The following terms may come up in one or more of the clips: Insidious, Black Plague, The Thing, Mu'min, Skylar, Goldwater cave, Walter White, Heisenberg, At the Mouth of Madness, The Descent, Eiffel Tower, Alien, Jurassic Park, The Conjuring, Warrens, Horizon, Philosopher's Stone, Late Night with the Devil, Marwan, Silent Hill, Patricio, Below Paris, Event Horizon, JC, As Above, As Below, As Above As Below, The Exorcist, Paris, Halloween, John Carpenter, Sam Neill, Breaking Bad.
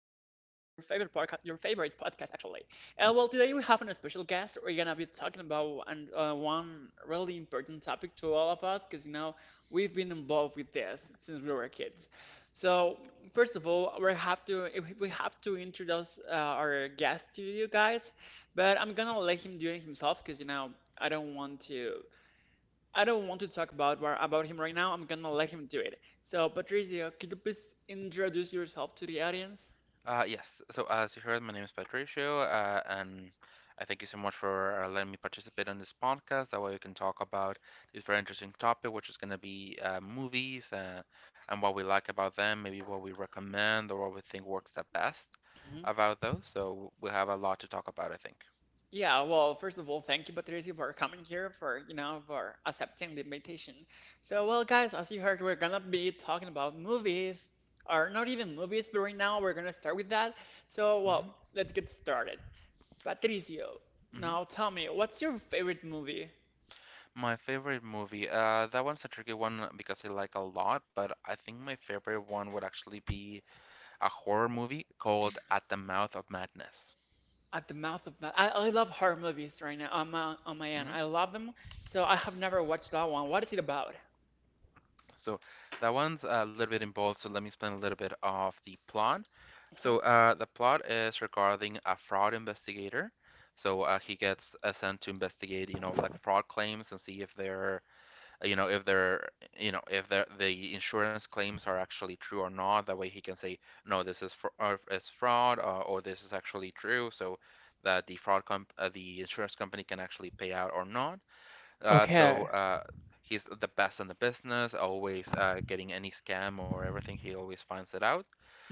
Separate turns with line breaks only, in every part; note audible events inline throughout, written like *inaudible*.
favorite podcast, your favorite podcast, actually. Well, today we have a special guest. We're gonna be talking about one really important topic to all of us because we've been involved with this since we were kids. So, first of all, we have to if- we have to introduce our guest to you guys, but I'm gonna let him do it himself because I don't want to I don't want to talk about him right now. I'm gonna let him do it. So, Patricio, could you please introduce yourself to the audience?
Yes. So, as you heard, my name is Patricio, and I thank you so much for letting me participate on this podcast. That way, we can talk about this very interesting topic, which is going to be movies, and what we like about them, maybe what we recommend or what we think works the best
Hmm.
about those. So, we have a lot to talk about, I think.
Yeah, well, first of all, thank you, Patricio, for coming here, for accepting the invitation. So, well, guys, as you heard, we're gonna be talking about movies, or not even movies, but right now we're gonna start with that. So,
hmm
well, let's get started. Patricio,
hmm
now tell me, what's your favorite movie?
My favorite movie, that one's a tricky one because I like a lot, but I think my favorite one would actually be a horror movie called At the Mouth of Madness.
At the mouth of ma- I love horror movies right now on my end. I love them. So I have never watched that one. What is it about?
So that one's a little bit involved, so let me explain a little bit of the plot.
Uh-huh.
So, the plot is regarding a fraud investigator. So, he gets sent to investigate, you know, like fraud claims and see if they're, you know, if they're, the insurance claims are actually true or not. That way he can say, no, this is fr or it's fraud, or this is actually true. So that the fraud comp the insurance company can actually pay out or not. Uh, so
Okay.
uh, he's the best in the business, always getting any scam or everything. He always finds it out.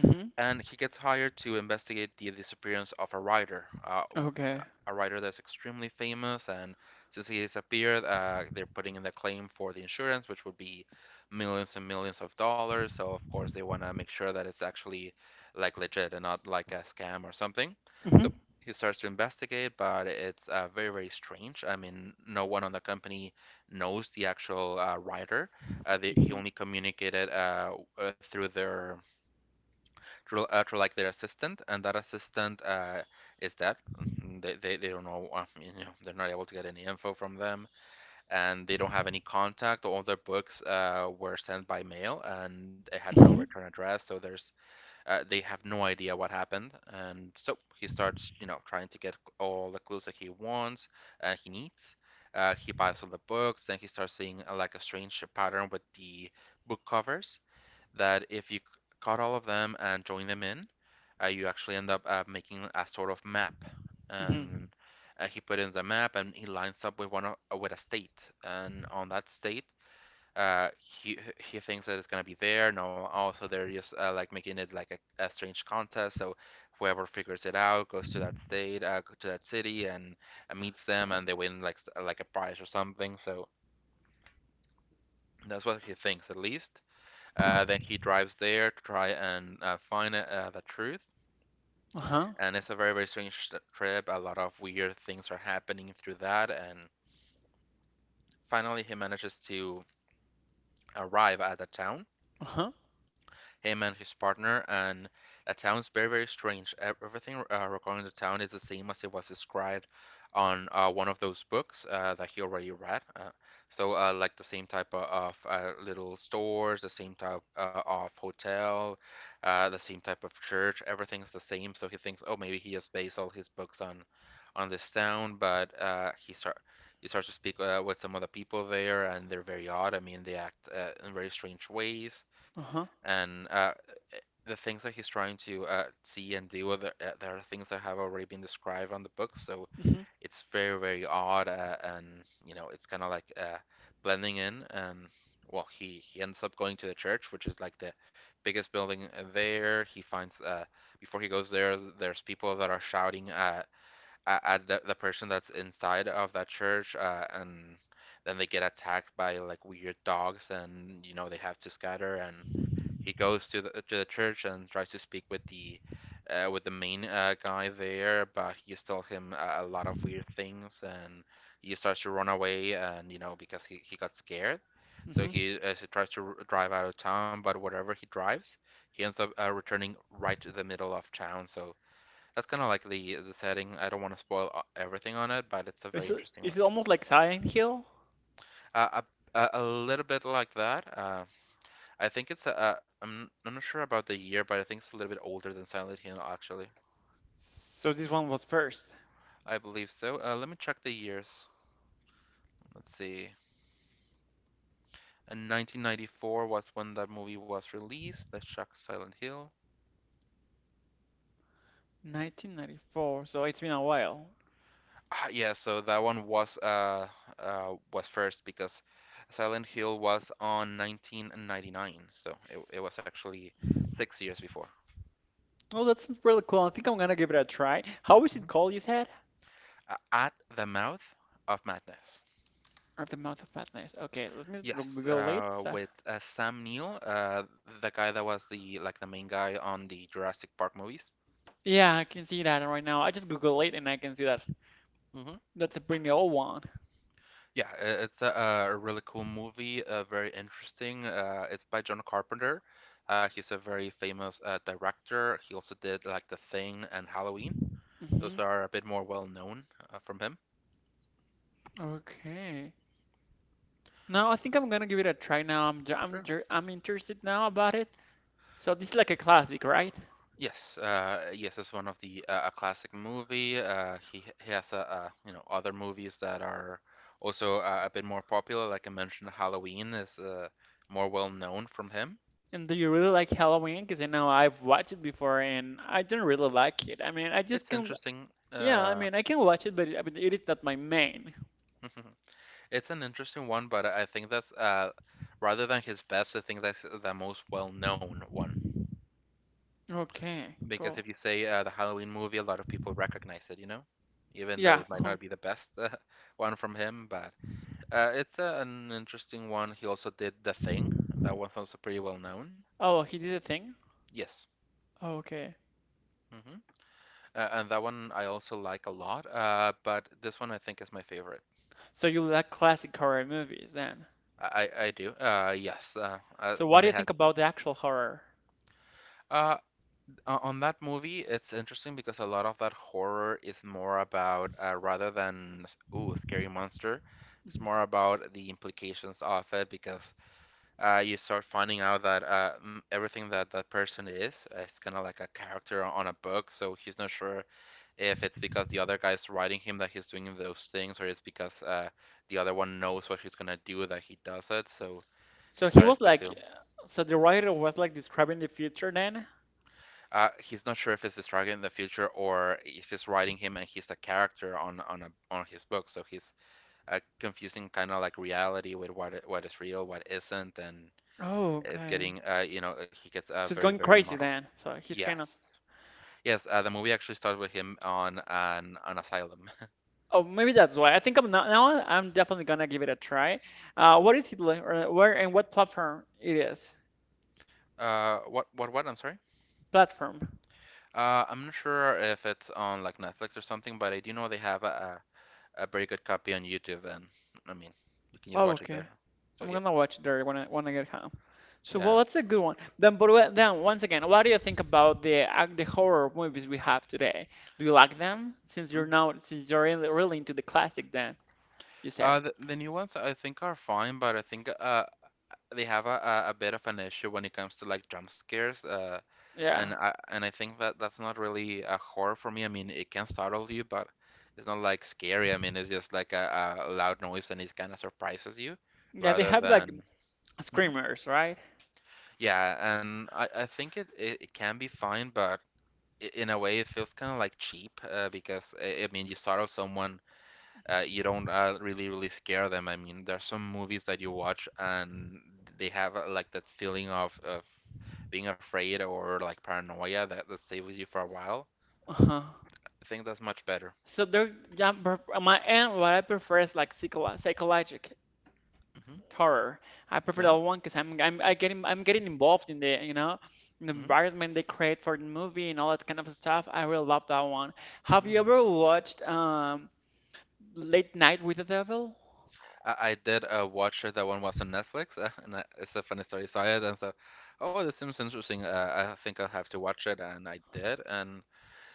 Hmm.
And he gets hired to investigate the disappearance of a writer. Uh,
Okay.
a writer that's extremely famous, and since he disappeared, they're putting in the claim for the insurance, which would be millions and millions of dollars. So of course they want to make sure that it's actually like legit and not like a scam or something.
Hmm.
So he starts to investigate, but it's very strange. I mean, no one on the company knows the actual writer. He
Hmm.
only communicated uh, through their to like their assistant, and that assistant is dead. Mhm. They don't know, you know, they're not able to get any info from them, and they don't have any contact. All their books were sent by mail, and it had no
Hmm.
return address, so there's they have no idea what happened. And so he starts, you know, trying to get all the clues that he wants and he needs. He buys all the books, then he starts seeing like a strange pattern with the book covers. That if you c- cut all of them and join them in, you actually end up making a sort of map,
Hmm.
and he put in the map and he lines up with with a state, and on that state, uh, he he thinks that it's gonna be there. No, also they're just like making it like a strange contest. So whoever figures it out goes to that state, to that city, and meets them, and they win like a prize or something. So that's what he thinks, at least. Then he drives there to try and find the truth,
Uh-huh.
and it's a very strange trip. A lot of weird things are happening through that, and finally he manages to arrive at the town,
Uh-huh.
him and his partner, and the town is very, very strange. Everything regarding the town is the same as it was described on one of those books that he already read. Like the same type of little stores, the same type of hotel, the same type of church. Everything's the same. So he thinks, oh, maybe he has based all his books on this town, but he starts to speak with some of the people there, and they're very odd. I mean, they act in very strange ways,
Uh-huh.
and the things that he's trying to see and do, there are things that have already been described on the book, so
Hmm.
it's very, very odd, and you know, it's kind of like blending in. And well, he ends up going to the church, which is like the biggest building there. He finds Before he goes there, there's people that are shouting at the person that's inside of that church, and then they get attacked by like weird dogs, and you know they have to scatter. And he goes to the church and tries to speak with the main guy there, but he tells him a lot of weird things, and he starts to run away, and you know because he got scared. So
Hmm.
he tries to r- drive out of town, but wherever he drives, he ends up returning right to the middle of town. So that's kind of like the setting. I don't want to spoil everything on it, but it's a very
Is it
interesting one.
is it almost like Silent Hill?
Uh, a little bit like that. I think it's a I'm not sure about the year, but I think it's a little bit older than Silent Hill actually.
So this one was first.
I believe so. Let me check the years. Let's see. In 1994 was when that movie was released. Let's check Silent Hill.
1994. So it's been a while.
Ah, yeah, so that one was first because Silent Hill was on 1999, so it was actually 6 years before.
Oh, that sounds really cool. I think I'm gonna give it a try. How is it called, you said?
Uh, At the Mouth of Madness.
At the Mouth of Madness. Okay, let me
Yes,
Google
uh,
it.
with uh, Sam Neill, the guy that was the like the main guy on the Jurassic Park movies.
Yeah, I can see that right now. I just Google it and I can see that.
hmm
That's a pretty old one.
Yeah, it's a really cool movie, very interesting. It's by John Carpenter. He's a very famous director. He also did like The Thing and Halloween.
Hmm.
Those are a bit more well known from him.
Okay. Now I think I'm gonna give it a try now.
Sure.
I'm interested now about it. So this is like a classic, right?
Yes, it's one of the a classic movie. He has you know, other movies that are also a bit more popular. Like I mentioned, Halloween is more well known from him.
And do you really like Halloween? Because I've watched it before and I don't really like it. I mean, I just
It's
can.
interesting.
Yeah, I mean, I can watch it, but it, but it is not my main.
*laughs* It's an interesting one, but I think that's rather than his best, I think that's the most well known one.
Okay,
Because if
cool.
you say the Halloween movie, a lot of people recognize it, you know, even though
Yeah.
it might not be
*laughs*
the best *laughs* one from him, but. It's an interesting one. He also did The Thing. That one's also pretty well known.
Oh, he did a thing?
Yes.
Okay.
hmm and that one I also like a lot. But this one I think is my favorite.
So you like classic horror movies then?
I do. Yes.
So what
When
do
they
you
had
think about the actual horror?
uh, on that movie, it's interesting because a lot of that horror is more about rather than ooh, a scary monster. It's
Mhm.
more about the implications of it because you start finding out that everything that that person is kind of like a character on a book. So he's not sure if it's because the other guy's writing him that he's doing those things, or it's because the other one knows what he's gonna do that he does it. So
So
he
he
starts
was
to
like,
feel.
so the writer was like describing the future then?
He's not sure if it's the target in the future or if he's writing him and he's the character on on his book. So he's confusing kind of like reality with what what is real, what isn't, and
Oh,
it's
okay.
getting you know he gets
So it's
very
going
very
crazy
muddled.
then.
Yes. Yes, the movie actually starts with him on an asylum. *laughs*
Oh, maybe that's why. I think I'm not, now I'm definitely gonna give it a try. What is it like, or where and what platform it is?
What? I'm sorry.
Platform.
I'm not sure if it's on like Netflix or something, but I do know they have a very good copy on YouTube, and I mean, you can just
Oh,
watch it
okay.
there. So
I'm
yeah,
gonna watch it there when I get home. So, well,
yeah.
that's a good one. Then, but then once again, what do you think about the horror movies we have today? Do you like them? Since
Mm.
you're now, since you're really, really into the classic, then you said,
The new ones I think are fine, but I think they have a bit of an issue when it comes to like jump scares, uh and
yeah.
I and I think that that's not really a horror for me. I mean it can startle you, but it's not like scary. I mean it's just like a loud noise and it kind of surprises you
Yeah, they
rather
have like
than. Mhm.
screamers, right?
Yeah, and I think it can be fine, but in a way it feels kind of like cheap, because I mean you startle someone, you don't really really scare them. I mean, there's some movies that you watch and they have like that feeling of being afraid or like paranoia that that stays with you for a while.
Uh-huh.
I think that's much better.
So they're Yeah, but my and what I prefer is like psychological
hmm
horror. I prefer that
Yeah.
one because I'm getting involved in the you know in the
hmm
environment they create for the movie and all that kind of stuff. I really love that one. Have you
hmm
ever watched Late Night with the Devil?
I did watch it. That one was on Netflix, *laughs* and it's a funny story. So I then thought, oh, this seems interesting. I think I'll have to watch it, and I did, and.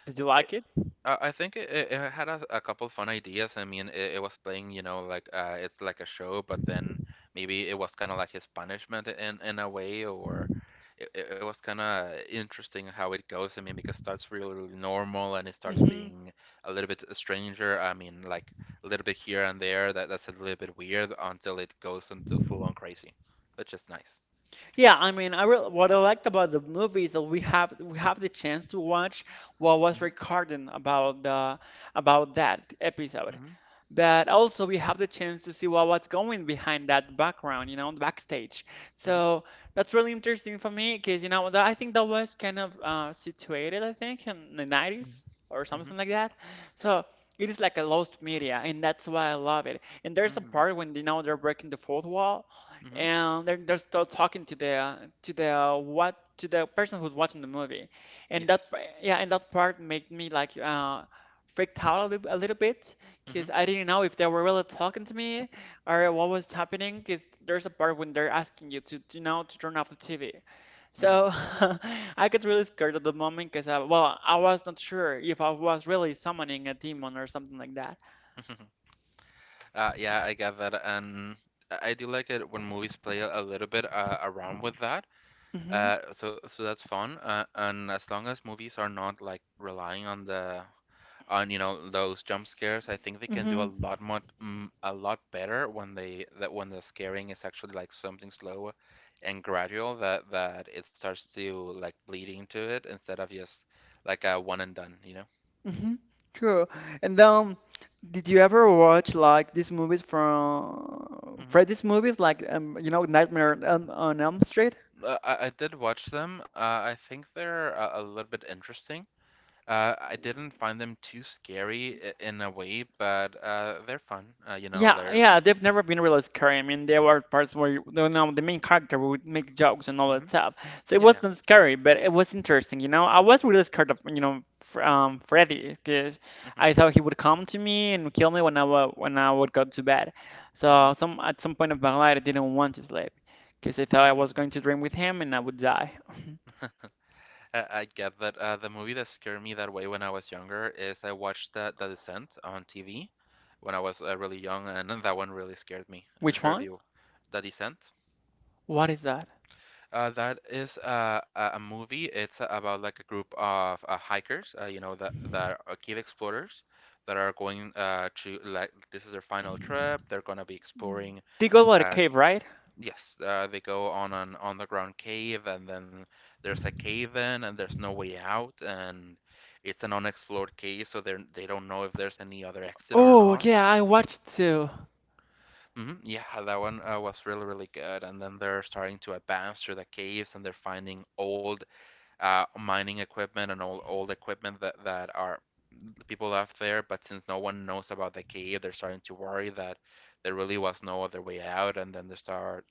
Did you like it?
I think it had a couple fun ideas. I mean, it was playing, like it's like a show, but then maybe it was kind of like his punishment in a way, or it was kind of interesting how it goes. I mean, because it starts really, really normal and it starts
Hmm.
being a little bit stranger. I mean, like a little bit here and there that's a little bit weird until it goes into full on crazy, which is nice.
Yeah, I mean, what I liked about the movie is that we have the chance to watch what was
Hmm
recorded about the about that episode,
hmm
but also we have the chance to see what's going behind that background, the backstage.
hmm
So that's really interesting for me because, I think that was kind of situated, I think, in the 90s or
hmm
something like that. So it is like a lost media, and that's why I love it. And there's a
hmm
part when, they're breaking the fourth wall,
hmm
and they're still talking to the person who's watching the movie. And that,
Yes.
yeah, and that part made me freaked out a little bit because
hmm
I didn't know if they were really talking to me or what was happening. Because there's a part when they're asking you to turn off the TV.
hmm
So *laughs* I got really scared at the moment because, well, I was not sure if I was really summoning a demon or something like that.
*laughs* Yeah, I get that, and I do like it when movies play a little bit around with that.
Mm-hmm,
So that's fun. And as long as movies are not like relying on the on you know those jump scares, I think they can do
mm-hmm,
a lot more a lot better when they that when the scaring is actually like something slow and gradual that it starts to like bleed into it instead of just like a one and done, you know?
mm-hmm. True. And did you ever watch like these movies from
Hmm
Freddy's movies, like Nightmare on Elm Street?
I did watch them. I think they're a little bit interesting. I didn't find them too scary in a way, but they're fun. Uh, you know,
Yeah,
they're
yeah, they've never been really scary. I mean, there were parts where the main character would make jokes and all
mm-hmm,
that stuff, so it
yeah.
wasn't scary, but it was interesting. I was really scared of Freddy because
Mm-hmm,
I thought he would come to me and kill me when I would go to bed.
mm-hmm,
So some at some point of my life, I didn't want to sleep because I thought I was
mm-hmm.
going to dream with him and I would die.
*laughs* I get that. The movie that scared me that way when I was younger is I watched The Descent on TV when I was really young, and *laughs* that one really scared me.
*laughs*
I'm
Which
sure if
one?
The Descent.
What is that?
That is a movie. It's about like a group of hikers, you know, that are cave explorers that are going to like this is their final trip. They're gonna be exploring.
They go to the Goldwater
Uh,
cave, right?
yes, they go on an underground cave, and then there's a cave in, and there's no way out, and it's an unexplored cave, so they don't know if there's any other exit or
Oh,
not.
yeah, I watched too.
Hmm Yeah, that one was really, really good. And then they're starting to advance through the caves and they're finding old mining equipment and old equipment that that are people left there. But since no one knows about the cave, they're starting to worry that there really was no other way out, and then they start.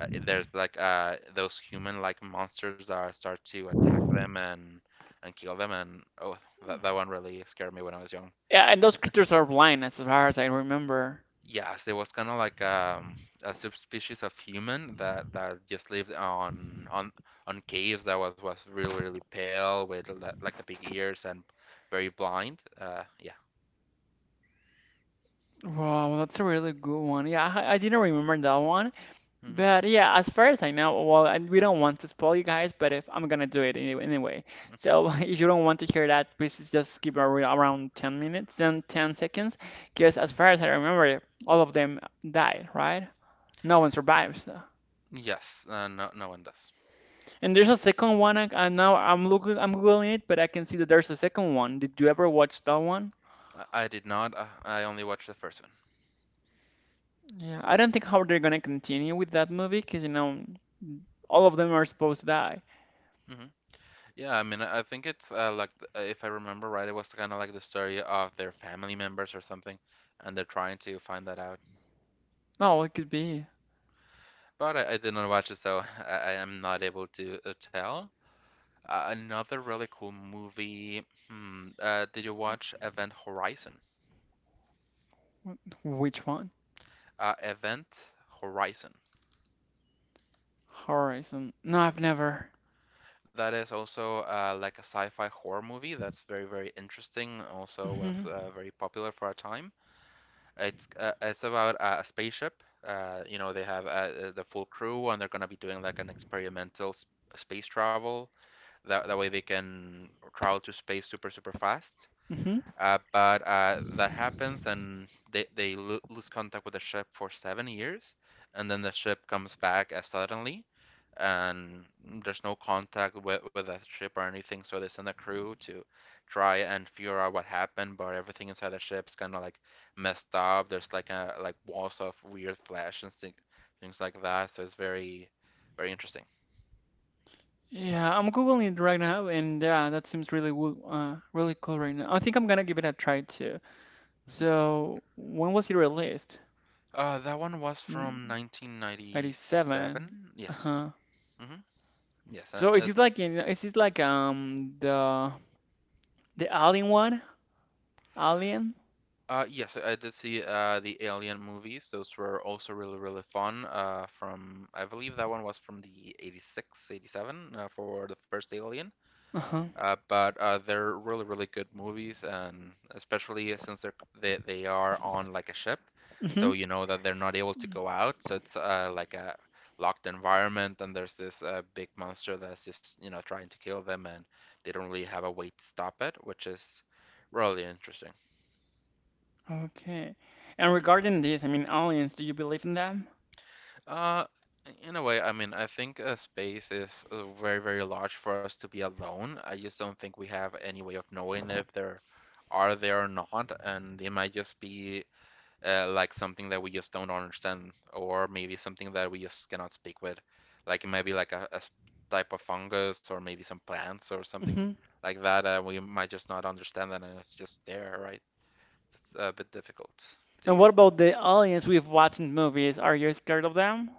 There's like those human-like monsters that start to attack them and kill them, and oh, that one really scared me when I was young.
Yeah, and those creatures are blind as far as I remember.
Yes, there was kind of like a subspecies of human that just lived on caves that was really really pale with like the big ears and very blind. Yeah.
Wow, well, that's a really good one. Yeah, I didn't remember that one.
hmm
But yeah, as far as I know, well, and we don't want to spoil you guys, but if I'm gonna do it anyway, anyway. So *laughs*
*laughs*
if you don't want to hear that, please just skip around 10 minutes and 10 seconds, because as far as I remember, all of them died, right? No one survives.
Yes, no no one does.
And there's a second one. I now I'm looking, I'm googling it, but I can see that there's a second one. Did you ever watch that one?
I did not. I only watched the first one.
Yeah, I don't think how they're gonna continue with that movie, because all of them are supposed to die.
Hmm Yeah, I mean, I think it's like if I remember right, it was kind of like the story of their family members or something, and they're trying to find that out.
No, it could be.
But I did not watch it, so *laughs* I am not able to tell. Another really cool movie. Did you watch Event Horizon?
Which one?
Event Horizon.
Horizon. No, I've never.
That is also like a sci-fi horror movie that's very, very interesting. Also
Hmm.
was very popular for a time. It's about a spaceship. You know, they have the full crew, and they're gonna be doing like an experimental sp space travel. That way they can travel to space super, super fast.
Hmm.
But that happens, and they lo lose contact with the ship for 7 years, and then the ship comes back as suddenly, and there's no contact with the ship or anything. So they send a crew to try and figure out what happened, but everything inside the ship's kind of like messed up. There's like a like walls of weird flesh and things like that. So it's very, very interesting.
Yeah, I'm googling it right now, and yeah, that seems really really cool right now. I think I'm gonna give it a try too.
Mhm.
So, when was it released?
That one was
Mm,
from
'97.
1997. Yes.
Uh-huh.
hmm Yes,
So is this like in, is this like the Alien one? Alien?
Yes, I did see the Alien movies. Those were also really, really fun. From I believe that one was from the 86, 87 for the first Alien.
Uh-huh.
But they're really, really good movies, and especially since they are on like a ship,
Hmm.
so you know that they're not able to go out. So it's like a locked environment, and there's this big monster that's just you know trying to kill them, and they don't really have a way to stop it, which is really interesting.
Okay. And regarding this, I mean aliens, do you believe in them?
Uh, in a way, I mean, I think space is very, very large for us to be alone. I just don't think we have any way of knowing if there are there or not, and it might just be like something that we just don't understand, or maybe something that we just cannot speak with. Like it might be like type of fungus, or maybe some plants, or something
Mm-hmm.
like that. We might just not understand that, and it's just there, right? It's a bit difficult. Do
And
you?
what about the aliens we've watched in movies? Are you scared of them?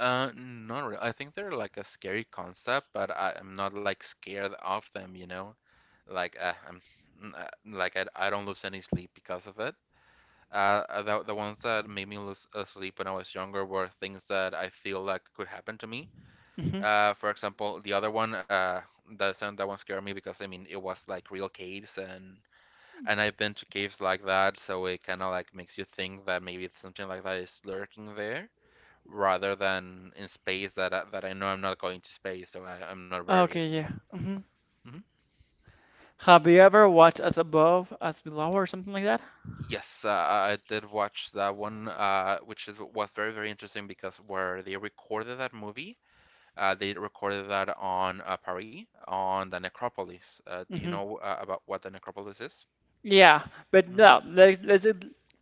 Not really. I think they're like a scary concept, but I am not like scared of them, you know? Like I'm mm, like I don't lose any sleep because of it. The ones that made me lose sleep when I was younger were things that I feel like could happen to me.
Hmm.
For example, the other one, that sound that one scared me because I mean it was like real caves and I've been to caves like that, so it kind of like makes you think that maybe something like that is lurking there rather than in space that I know I'm not going to space, so I'm not worried,
Okay,
you know.
yeah. Hmm.
Hmm
Have you ever watched As Above, As Below, or something like that?
Yes, I did watch that one, which is was very very interesting because where they recorded that movie, they recorded that on Paris, on the necropolis. Do you
Hmm.
know about what the necropolis is?
Yeah, but
Hmm
no, let's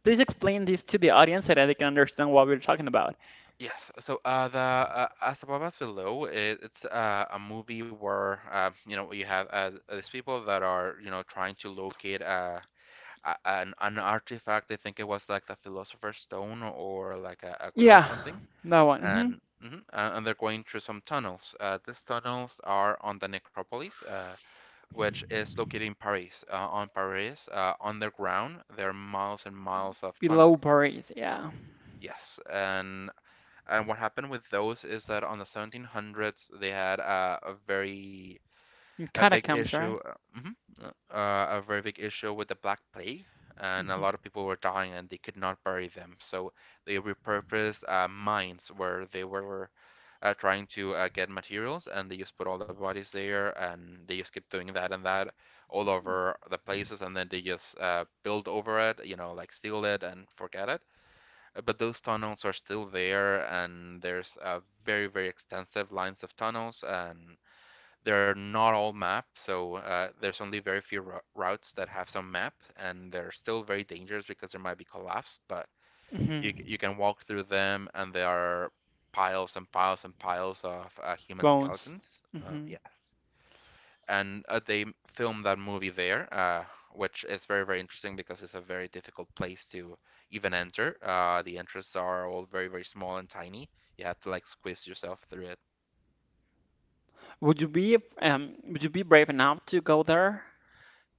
please explain this to the audience so that they can understand what we're talking about.
Yes. So the As Above As Below, it's a movie where you know you have these people that are you know trying to locate an artifact. I think it was like the Philosopher's Stone or like a grill or
Yeah,
something.
that one. Hmm.
And mhm, and they're going through some tunnels. These tunnels are on the necropolis, which is located in Paris. On Paris, underground, there are miles and miles of
Below
tunnels.
Paris, yeah.
Yes, and what happened with those is that on the 1700s they had a very
In
a big
Catacombs,
issue,
right?
a very big issue with the Black Plague, and a
Hmm.
lot of people were dying and they could not bury them. So they repurposed mines where they were trying to get materials, and they just put all the bodies there, and they just keep doing that and that all over the places, and then they just build over it, you know, like steal it and forget it. But those tunnels are still there, and there's very, very extensive lines of tunnels, and they're not all mapped, so there's only very few ru routes that have some map, and they're still very dangerous because there might be collapse, but you
Hmm.
can walk through them, and there are piles and piles and piles of human
Bones.
skeletons.
Hmm.
Yes. And they filmed that movie there, which is very, very interesting because it's a very difficult place to even enter. The entrances are all very, very small and tiny. You have to like squeeze yourself through it.
Would you be would you be brave enough to go there?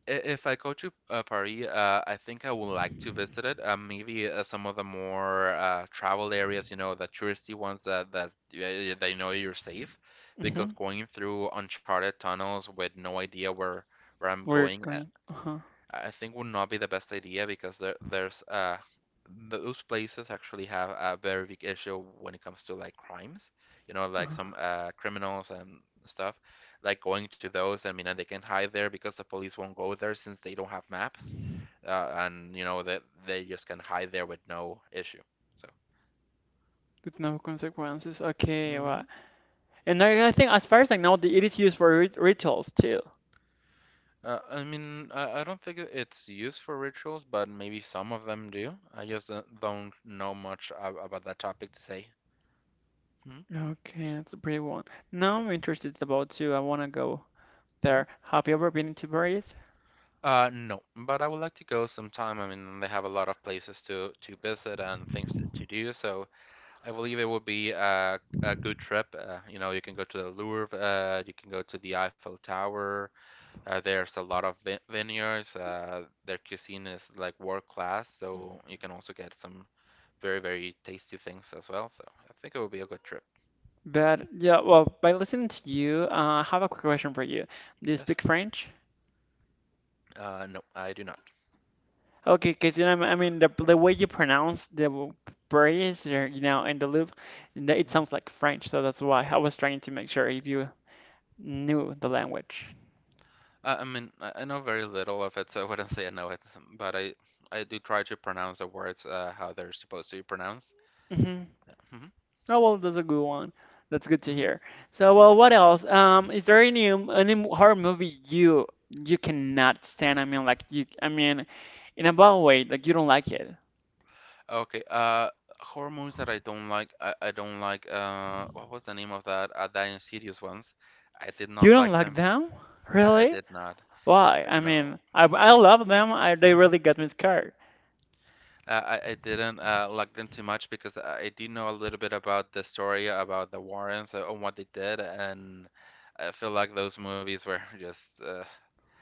If I go to Paris, I think I would like to visit it. Maybe some of the more travel areas, you know, the touristy ones that they know you're safe, because
Hmm
going through uncharted tunnels with no idea where I'm
We're
going,
going. Uh-huh.
I think would not be the best idea because there's those places actually have a very big issue when it comes to like crimes, you know, like some
Uh-huh.
criminals and stuff. Like going to those, I mean, and they can hide there because the police won't go there since they don't have maps, and you know that they just can hide there with no issue. So
With no consequences. Okay,
hmm
well, and I think as far as I know, it is used for rituals too.
I mean, I don't think it's used for rituals, but maybe some of them do. I just don't know much about that topic to say. hmm
Okay, that's a pretty one. Now I'm interested about too. I want to go there. Have you ever been to Paris?
No, but I would like to go sometime. I mean, they have a lot of places to visit and things to do, so I believe it would be a good trip. You know, you can go to the Louvre, you can go to the Eiffel Tower. There's a lot of vi vineyards. Their cuisine is like world class, so you can also get some very, very tasty things as well. So I think it would be a good trip.
But yeah, well, by listening to you, I have a quick question for you. Do you
Yes.
speak French?
No, I do not.
Okay, because I mean, the way you pronounce the Paris, or, and the Louvre, and it sounds like French. So that's why I was trying to make sure if you knew the language.
I mean, I know very little of it, so I wouldn't *laughs* say I know it, but I do try to pronounce the words how they're supposed to be pronounced.
Mhm.
hmm
Oh, well, that's a good one. That's good to
hmm
hear. So, well, what else? Is there any any horror movie you cannot stand? I mean, like you, I mean, in a bad way, like you don't like it.
Okay. Horror movies that I don't like. I don't like. What was the name of that? The Insidious ones. I did
You
not
don't
like
like
them.
them?
I
Really?
did not. I,
Why? I
no.
mean, I love them. I they
Mhm.
really got me scared.
Uh, I didn't like them too much because I do know a little bit about the story about the Warrens and what they did, and I feel like those movies were *laughs* just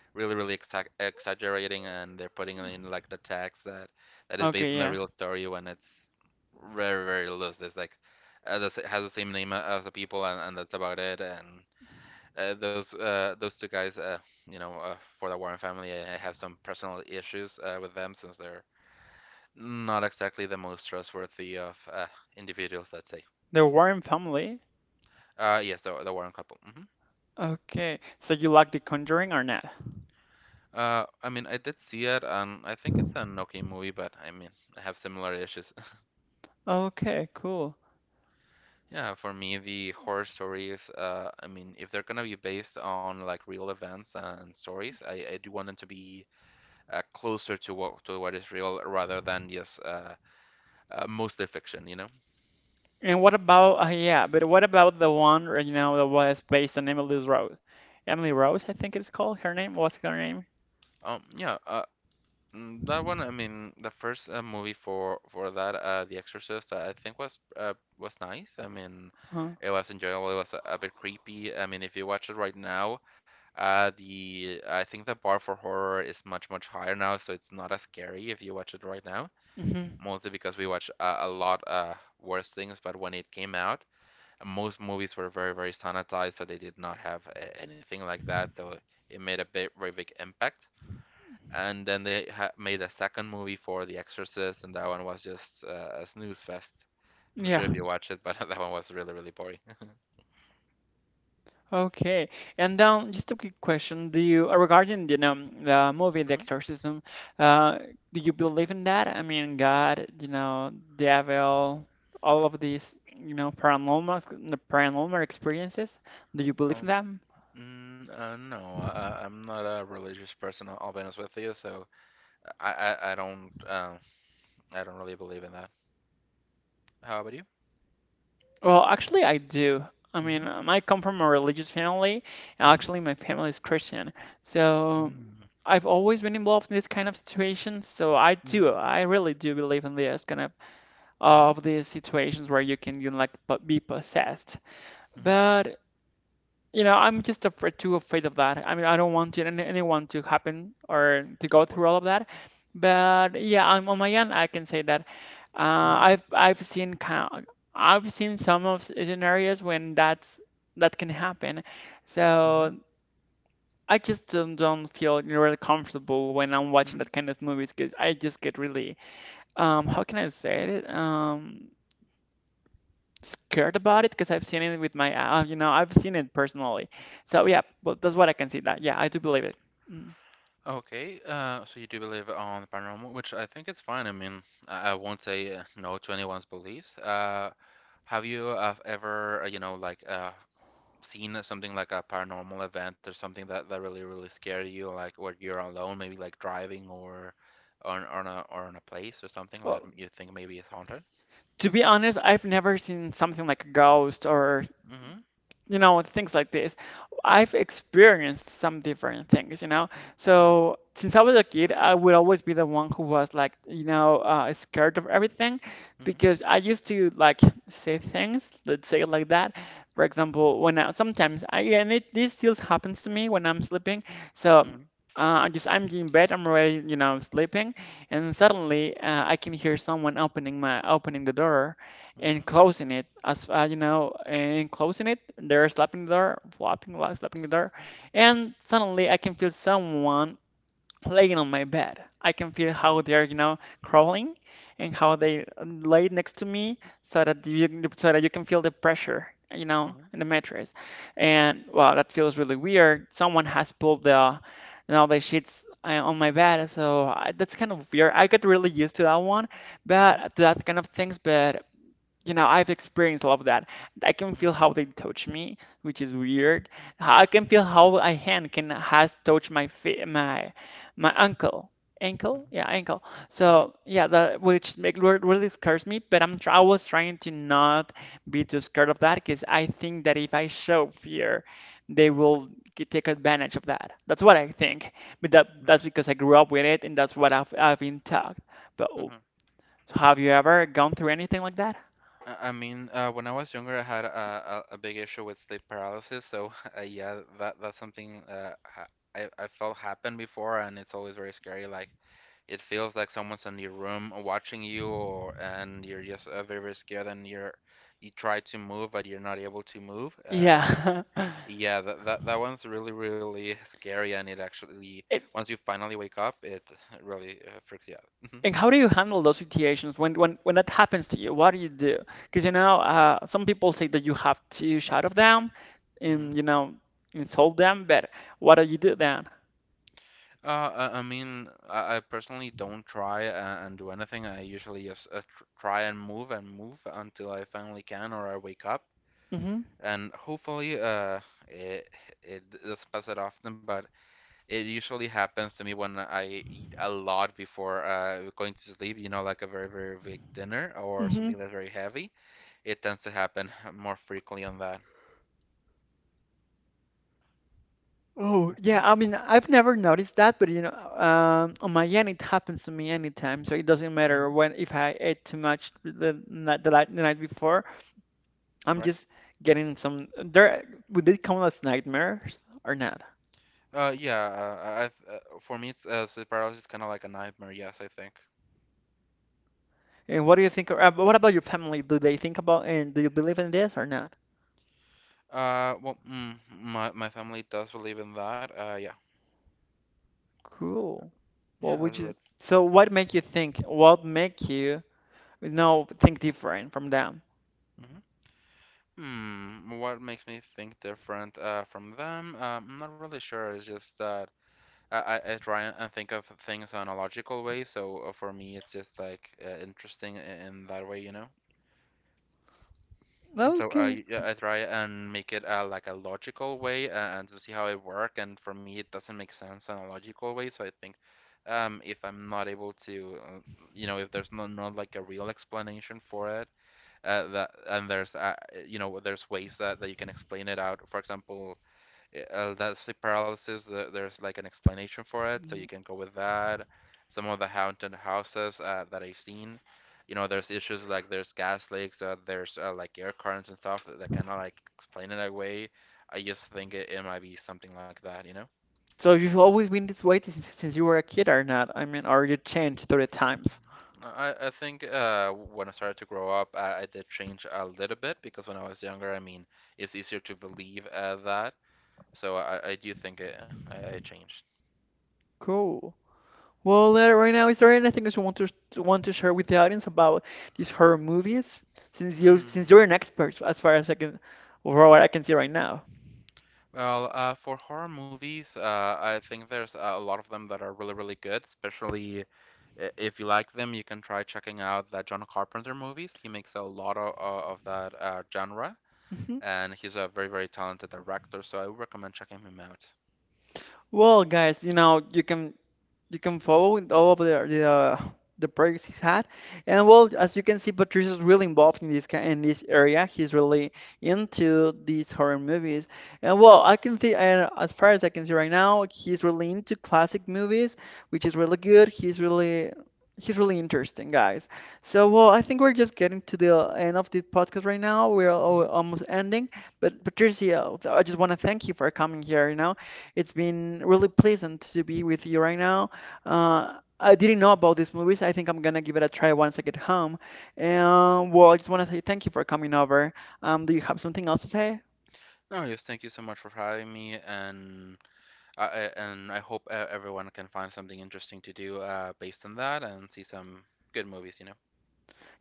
really really exaggerating, and they're putting in like the text that is based
Okay,
on the
yeah.
real story when it's very very loose. It's like this has the same name as the people, and that's about it. And those two guys, you know, for the Warren family, I have some personal issues with them since they're not exactly the most trustworthy of individuals, let's say.
The Warren family.
Yes, the Warren couple.
Okay, so you like The Conjuring or not?
I mean, I did see it and I think it's an okay movie, but I mean I have similar issues.
Okay, cool.
Yeah, for me, the horror stories, I mean, if they're gonna be based on like real events and stories, I do want them to be closer to what is real rather than just mostly fiction, you know?
And what about the one right now that was based on Emily Rose? Emily Rose, I think it's called. Her name, what's her name?
Yeah, Mm, that one, I mean, the first movie for that, The Exorcist, I think was nice. I mean,
Huh.
it was enjoyable. It was a bit creepy. I mean, if you watch it right now, the I think the bar for horror is much much higher now, so it's not as scary if you watch it right now.
Hmm.
Mostly because we watch a lot worse things, but when it came out, most movies were very very sanitized, so they did not have anything like that. So it made a bit very big impact, and then they made a second movie for The Exorcist, and that one was just a snooze fest. I'm not sure
Yeah.
if you watched it, but *laughs* that one was really, really boring. *laughs*
Okay. And then just a quick question: Do you regarding the know the movie The
Mhm.
Exorcism? Uh, do you believe in that? I mean, God, devil, all of these, paranormal, the paranormal experiences. Do you believe in
Um,
that?
no, I am not a religious person. I'll be honest with you, so I, I, I don't, um, I don't really believe in that. How about you?
Well, actually, I do. I mean,
Mhm.
I come from a religious family.
Mhm.
Actually, my family is Christian. So I've always been involved in this kind of situations. So I do.
Mhm.
I really do believe in this kind of
Mhm.
of these situations where you can, be possessed.
Mhm.
But I'm just afraid, too afraid of that. I mean, I don't want to, anyone to happen or to go
Of course.
through all of that. But yeah, I'm on my end. I can say that
Mhm.
I've seen kind. I've seen some of scenarios when that can happen.
Mhm.
So I just don't feel really comfortable when I'm watching
Mhm.
that kind of movies because I just get really how can I say it? Scared about it because I've seen it with my, I've seen it personally. So
Mhm.
yeah, but that's what I can see that. Yeah, I do believe it. Mm.
Okay, so you do believe on the paranormal, which I think it's fine. I mean, I won't say no to anyone's beliefs. Have you ever, you know, like seen something like a paranormal event or something that really, really scared you, like where you're alone, maybe like driving or on a or on a place or something that
Well,
you think maybe is haunted?
to be honest, I've never seen something like a ghost or
Mm-hmm.
things like this. I've experienced some different things, you know.
Mm-hmm.
So since I was a kid, I would always be the one who was like, scared of everything
Mm-hmm.
because I used to like say things, let's say it like that. For example, when I sometimes I and it this still happens to me when I'm sleeping. So I'm in bed, I'm already sleeping, and suddenly I can hear someone opening the door,
Mm-hmm.
and closing it, they're slapping the door flopping like slapping the door, and suddenly I can feel someone laying on my bed. I can feel how
Mm-hmm.
they're, crawling, and how they lay next to me so that you can feel the pressure, you know,
Mm-hmm.
in the mattress. And wow, that feels really weird. Someone has pulled the, the sheets on my bed. So that's kind of weird. I got really used to that one
Mm-hmm. Mm-hmm.
but to that kind of things. But you know, I've experienced a lot of that. I can feel
Mm-hmm.
how they touch me, which is weird. I can feel how a hand can has touched my feet, my ankle, yeah, ankle.
Mm-hmm.
So yeah, that which really scares me, but I was trying to not be too scared of that because I think that if I show fear, they will take advantage of that. That's what I think. But that's
Mm-hmm.
because I grew up with it, and that's I've been taught. But oh,
Mm-hmm.
so have you ever gone through anything like that?
I mean, when I was younger, I had a big issue with sleep paralysis. So *laughs* yeah, that that's something ha I felt happened before, and it's always very scary. Like it feels like someone's in your room watching you, or and you're just very very scared, and you try to move, but you're not able to move. And
Yeah. *laughs*
yeah, that one's really really *laughs* scary, and it actually
It,
once you finally wake up, it *laughs* really freaks you out.
and how do you handle those situations when that happens to you? What do you do? Because you know, some people say that you have to shut off them and,
Hmm
you know, insult them, but what do you do then?
I mean, I personally don't try and do anything. I usually just tr try and move until I finally can or I wake up.
Hmm.
And hopefully, it it doesn't pass that often, but it usually happens to me when I eat a lot before going to sleep. You know, like a very, very big dinner or
Hmm.
something that's very heavy. It tends to happen more frequently on that.
Oh, yeah. I mean, I've never noticed that, but you know, on my end, it happens to me anytime. So it doesn't matter
hmm
when, if I ate too much the night before. I'm
Right?
just getting some. There, would they count as nightmares or not?
For me, it's sleep paralysis is kind of like a nightmare. Yes, I think.
And what do you think? What about your family? Do they think about, and do you believe in this or not?
My my family does believe in that. Yeah,
Cool. What
yeah,
would you?
but
So what make you think? What make you think different from them?
mhm. Hmm, what makes me think different from them? I'm not really sure. It's just that I try and think of things on a logical way. So for me, it's just like interesting in that way, you know. Mm, so
Okay.
I try and make it like a logical way and to see how it work. And for me, it doesn't make sense in a logical way. So I think if I'm not able to, you know, if there's not like a real explanation for it, that and there's, you know, there's ways that you can explain it out. For example, that's the paralysis. There's like an explanation for it, so you
Mhm.
can go with that. Some of the haunted houses that I've seen, you know, there's issues like there's gas leaks, there's like air currents and stuff that kind of like explain it away. I just think it might be something like that, you know.
So you've always been this way since you were a kid or not? I mean, or you changed through the times?
I think when I started to grow up, I did change a little bit because when I was younger, I mean, it's easier to believe that. So I do think I changed.
Cool. Well, right now, is there anything that you want to share with the audience about these horror movies? Since
Hmm.
you're an expert as far as I can, for what I can see right now.
Well, for horror movies, I think there's a lot of them that are really, really good, especially if you like them, you can try checking out the John Carpenter movies. He makes a lot of that genre,
Mhm.
and he's a very, very talented director, so I would recommend checking him out.
Well, guys, you know, you can you can follow in all of the progress he's had, and well, as you can see, Patricia's really involved in this in this area. He's really into these horror movies, and well, I can see, and as far as I can see right now, he's really into classic movies, which is really good. He's really interesting, guys. So, well, I think we're just getting to the end of the podcast right now. We're almost ending. But, Patricia, I just want to thank you for coming here. You know, it's been really pleasant to be with you right now. I didn't know about these movies. I think I'm gonna give it a try once I get home. And well, I just want to say thank you for coming over. Do you have something else to say?
No, yes, thank you so much for having me, and I hope everyone can find something interesting to do based on that and see some good movies, you know.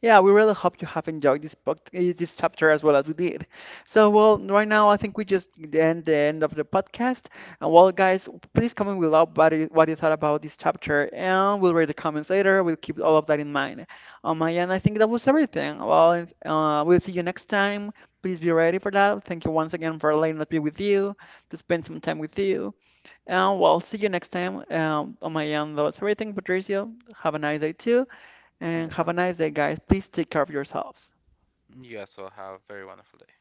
Yeah, we really hope you have enjoyed this book, eh, this chapter as well as we did. So, well, right now I think we just end the end of the podcast. And well, guys, please comment below what you thought about this chapter, and we'll read the comments later. We'll keep all of that in mind. On my end, I think that was everything. Well, we'll see you next time. Please be ready for that. Thank you once again for letting us be with you, to spend some time with you. And well, see you next time. On my end, that was everything. Patricio, have a nice day too,
Yes,
and have a
well.
nice day, guys. Please take care of yourselves.
You guys will have a very wonderful day.